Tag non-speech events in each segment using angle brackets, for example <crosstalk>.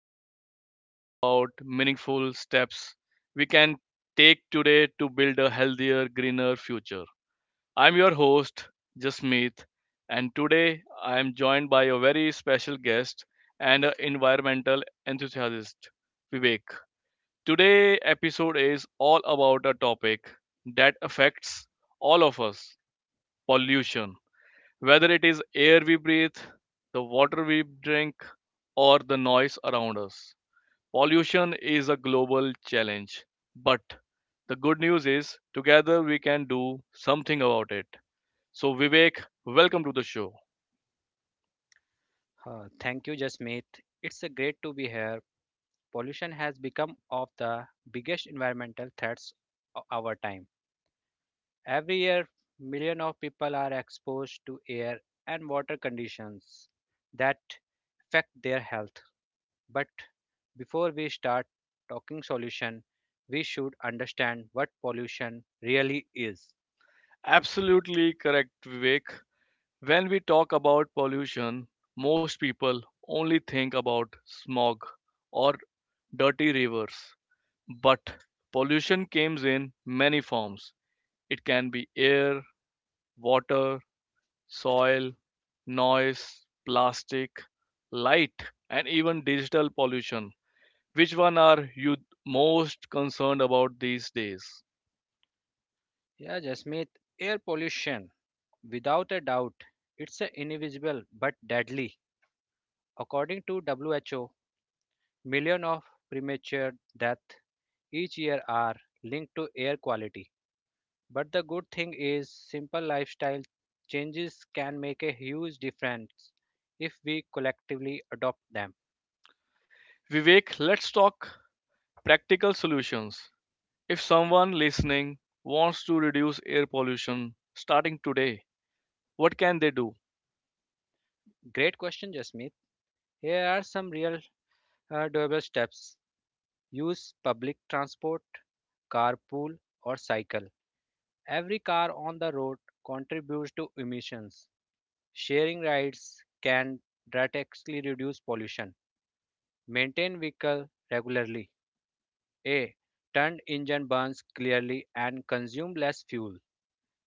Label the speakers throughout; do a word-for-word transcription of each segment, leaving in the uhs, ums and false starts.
Speaker 1: podcast where we talk about meaningful steps we can take today to build a healthier, greener future. I'm your host, Jasmeet, and today I am joined by a very special guest and an environmental enthusiast, Vivek. Today episode is all about a topic that affects all of us, pollution whether it is air we breathe, the water we drink, or the noise around us. Pollution is a global challenge, but the good news is together we can do something about it. So, Vivek, welcome to the show.
Speaker 2: Uh, thank you, Jasmeet. It's a great to be here. Pollution has become of the biggest environmental threats of our time. Every year, millions of people are exposed to air and water conditions that affect their health. But before we start talking solution, we should understand what pollution really is.
Speaker 1: Absolutely correct, Vivek. When we talk about pollution, most people only think about smog or dirty rivers, but pollution comes in many forms. It can be air, water, soil, noise, plastic, light, and even digital pollution. Which one are you most concerned about these days?
Speaker 2: Yeah, Jasmeet, air pollution, without a doubt, it's a invisible but deadly. According to W H O, millions of premature deaths each year are linked to air quality. But the good thing is, simple lifestyle changes can make a huge difference if we collectively adopt them.
Speaker 1: Vivek, let's talk practical solutions. If someone listening wants to reduce air pollution starting today, what can they do?
Speaker 2: Great question, Jasmeet. Here are some real uh, doable steps. Use public transport, carpool, or cycle. Every car on the road contributes to emissions. Sharing rides can drastically reduce pollution. Maintain vehicle regularly. A turned engine burns clearly and consume less fuel.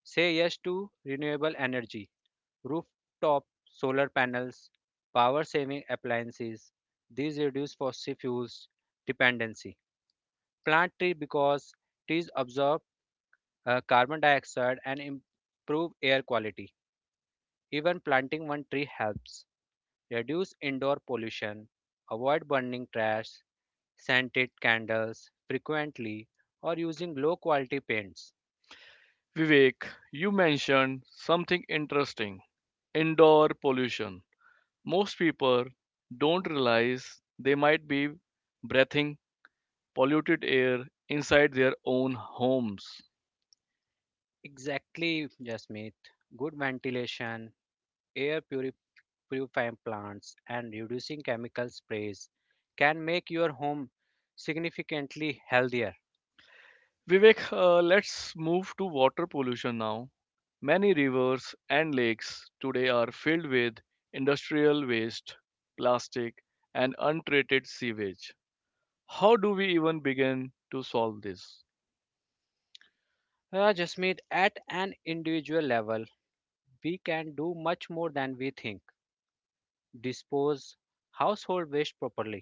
Speaker 2: Say yes to renewable energy, rooftop solar panels, power saving appliances. These reduce fossil fuels dependency. Plant tree because trees absorb uh, carbon dioxide and improve air quality. Even planting one tree helps reduce indoor pollution, avoid burning trash, scented candles frequently, or using low quality paints.
Speaker 1: Vivek, you mentioned something interesting indoor pollution. Most people don't realize they might be breathing polluted air inside their own homes.
Speaker 2: Exactly, Jasmeet. Good ventilation, air puri- purifying plants, and reducing chemical sprays can make your home significantly healthier.
Speaker 1: Vivek, uh, let's move to water pollution now. Many rivers and lakes today are filled with industrial waste, plastic, and untreated sewage. How do we even begin to solve this?
Speaker 2: Uh, Jasmeet, at an individual level, we can do much more than we think. Dispose household waste properly,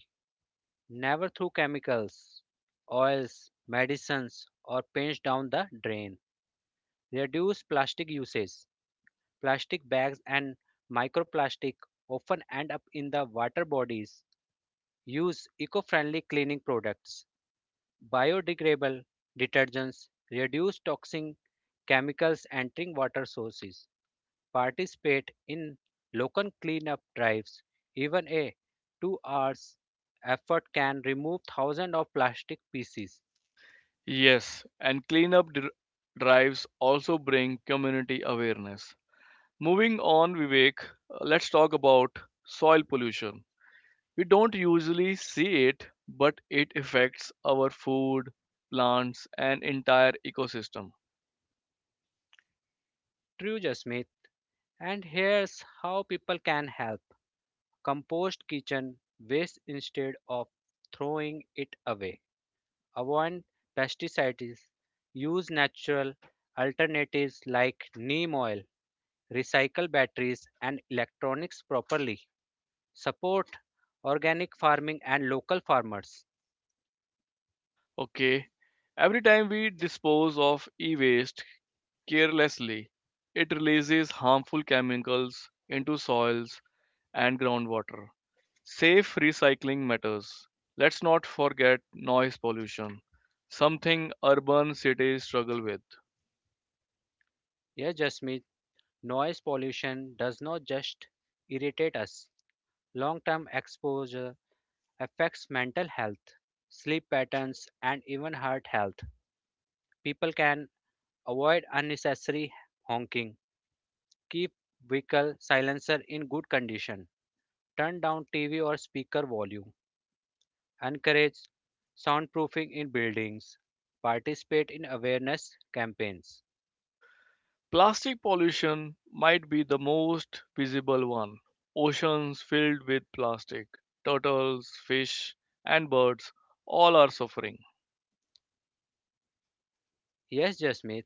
Speaker 2: never through chemicals, oils, medicines, or paints down the drain. Reduce plastic usage. Plastic bags and microplastic often end up in the water bodies. Use eco-friendly cleaning products, biodegradable detergents, reduce toxic chemicals entering water sources. Participate in local cleanup drives. Even a two hours effort can remove thousands of plastic pieces.
Speaker 1: Yes, and cleanup dr- drives also bring community awareness. Moving on, Vivek, uh, let's talk about soil pollution. We don't usually see it, but it affects our food, plants, and entire ecosystem.
Speaker 2: True Jasmeet. And here's how people can help. Compost kitchen waste instead of throwing it away. Avoid pesticides. Use natural alternatives like neem oil. Recycle batteries and electronics properly. Support organic farming and local farmers.
Speaker 1: Okay, every time we dispose of e waste carelessly, it releases harmful chemicals into soils and groundwater. Safe recycling matters. Let's not forget noise pollution, something urban cities struggle with.
Speaker 2: Yes, Jasmeet, noise pollution does not just irritate us. Long term exposure affects mental health, sleep patterns, and even heart health. People can avoid unnecessary honking. Keep vehicle silencer in good condition. Turn down T V or speaker volume. Encourage soundproofing in buildings. Participate in awareness campaigns.
Speaker 1: Plastic pollution might be the most visible one. Oceans filled with plastic, turtles, fish, and birds all are suffering.
Speaker 2: Yes, Jasmeet,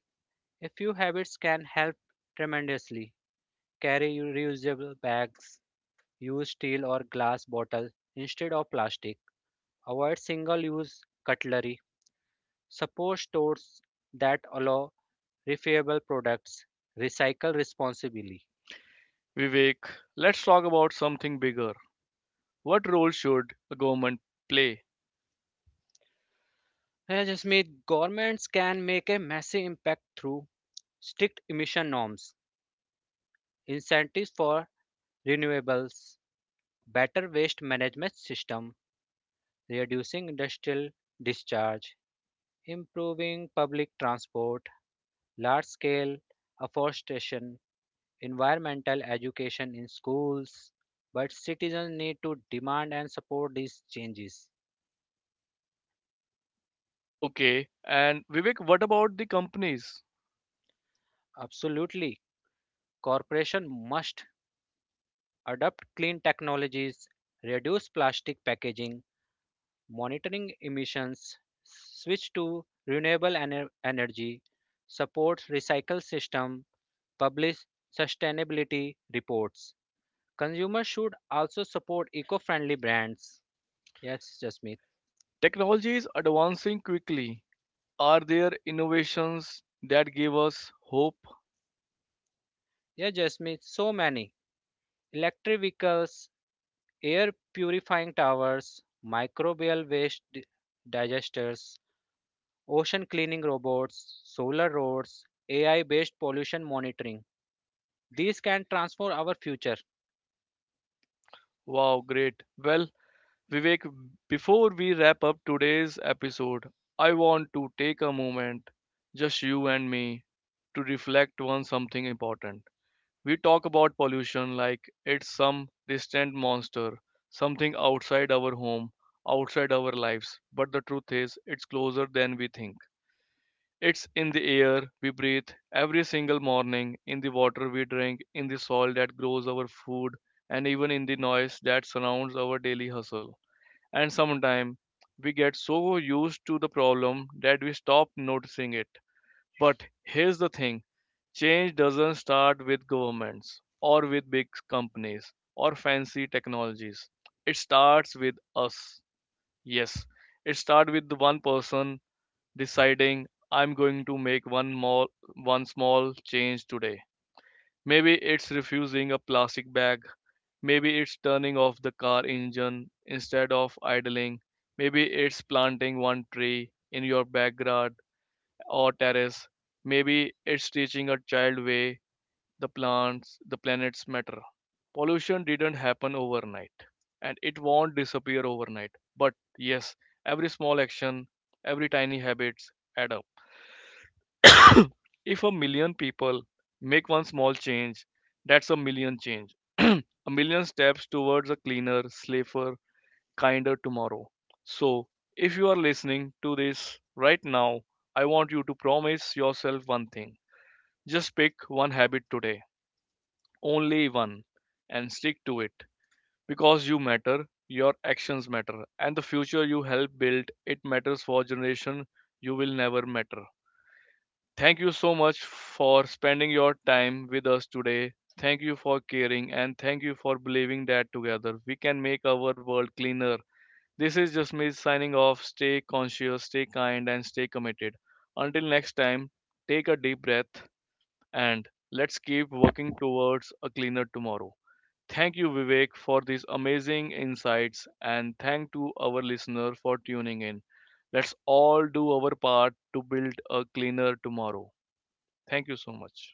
Speaker 2: a few habits can help tremendously. Carry reusable bags. Use steel or glass bottle instead of plastic. Avoid single-use cutlery. Support stores that allow refillable products, recycle responsibly.
Speaker 1: Vivek, let's talk about something bigger. What role should a government play?
Speaker 2: Yeah, Jasmeet, governments can make a massive impact through strict emission norms, incentives for renewables, better waste management system, reducing industrial discharge, improving public transport, large-scale afforestation, environmental education in schools. But citizens need to demand and support these changes.
Speaker 1: Okay, and Vivek, what about the companies?
Speaker 2: Absolutely, corporation must adopt clean technologies, reduce plastic packaging, monitoring emissions, switch to renewable ener- energy, support recycle system, publish sustainability reports. Consumers should also support eco-friendly brands. Yes, Jasmeet.
Speaker 1: Technology is advancing quickly. Are there innovations that give us hope?
Speaker 2: Yeah, Jasmeet, so many. Electric vehicles, air purifying towers, microbial waste di- digesters, ocean cleaning robots, solar roads, A I based pollution monitoring. These can transform our future.
Speaker 1: Wow, great. Well, Vivek, before we wrap up today's episode, I want to take a moment, just you and me, to reflect on something important. We talk about pollution like it's some distant monster, something outside our home, outside our lives. But the truth is, it's closer than we think. It's in the air we breathe every single morning, in the water we drink, in the soil that grows our food, and even in the noise that surrounds our daily hustle and sometimes we get so used to the problem that we stop noticing it. But here's the thing change doesn't start with governments or with big companies or fancy technologies. It starts with us. Yes, it starts with the one person deciding I'm going to make one more one small change today. Maybe it's refusing a plastic bag Maybe it's turning off the car engine instead of idling. Maybe it's planting one tree in your backyard or terrace. Maybe it's teaching a child way the plants, the planets matter. Pollution didn't happen overnight and it won't disappear overnight. But yes, every small action, every tiny habits add up. If a million people make one small change, that's a million change. <clears throat> a million steps towards a cleaner, safer, kinder tomorrow. So, if you are listening to this right now, I want you to promise yourself one thing. Just pick one habit today, only one, and stick to it. Because you matter, your actions matter, and the future you help build, it matters for generation you will never matter. Thank you so much for spending your time with us today. Thank you for caring and thank you for believing that together we can make our world cleaner, this is just me signing off. Stay conscious, stay kind, and stay committed. Until next time, take a deep breath and let's keep working towards a cleaner tomorrow. Thank you, Vivek, for these amazing insights, and thank to our listener for tuning in. Let's all do our part to build a cleaner tomorrow. Thank you so much.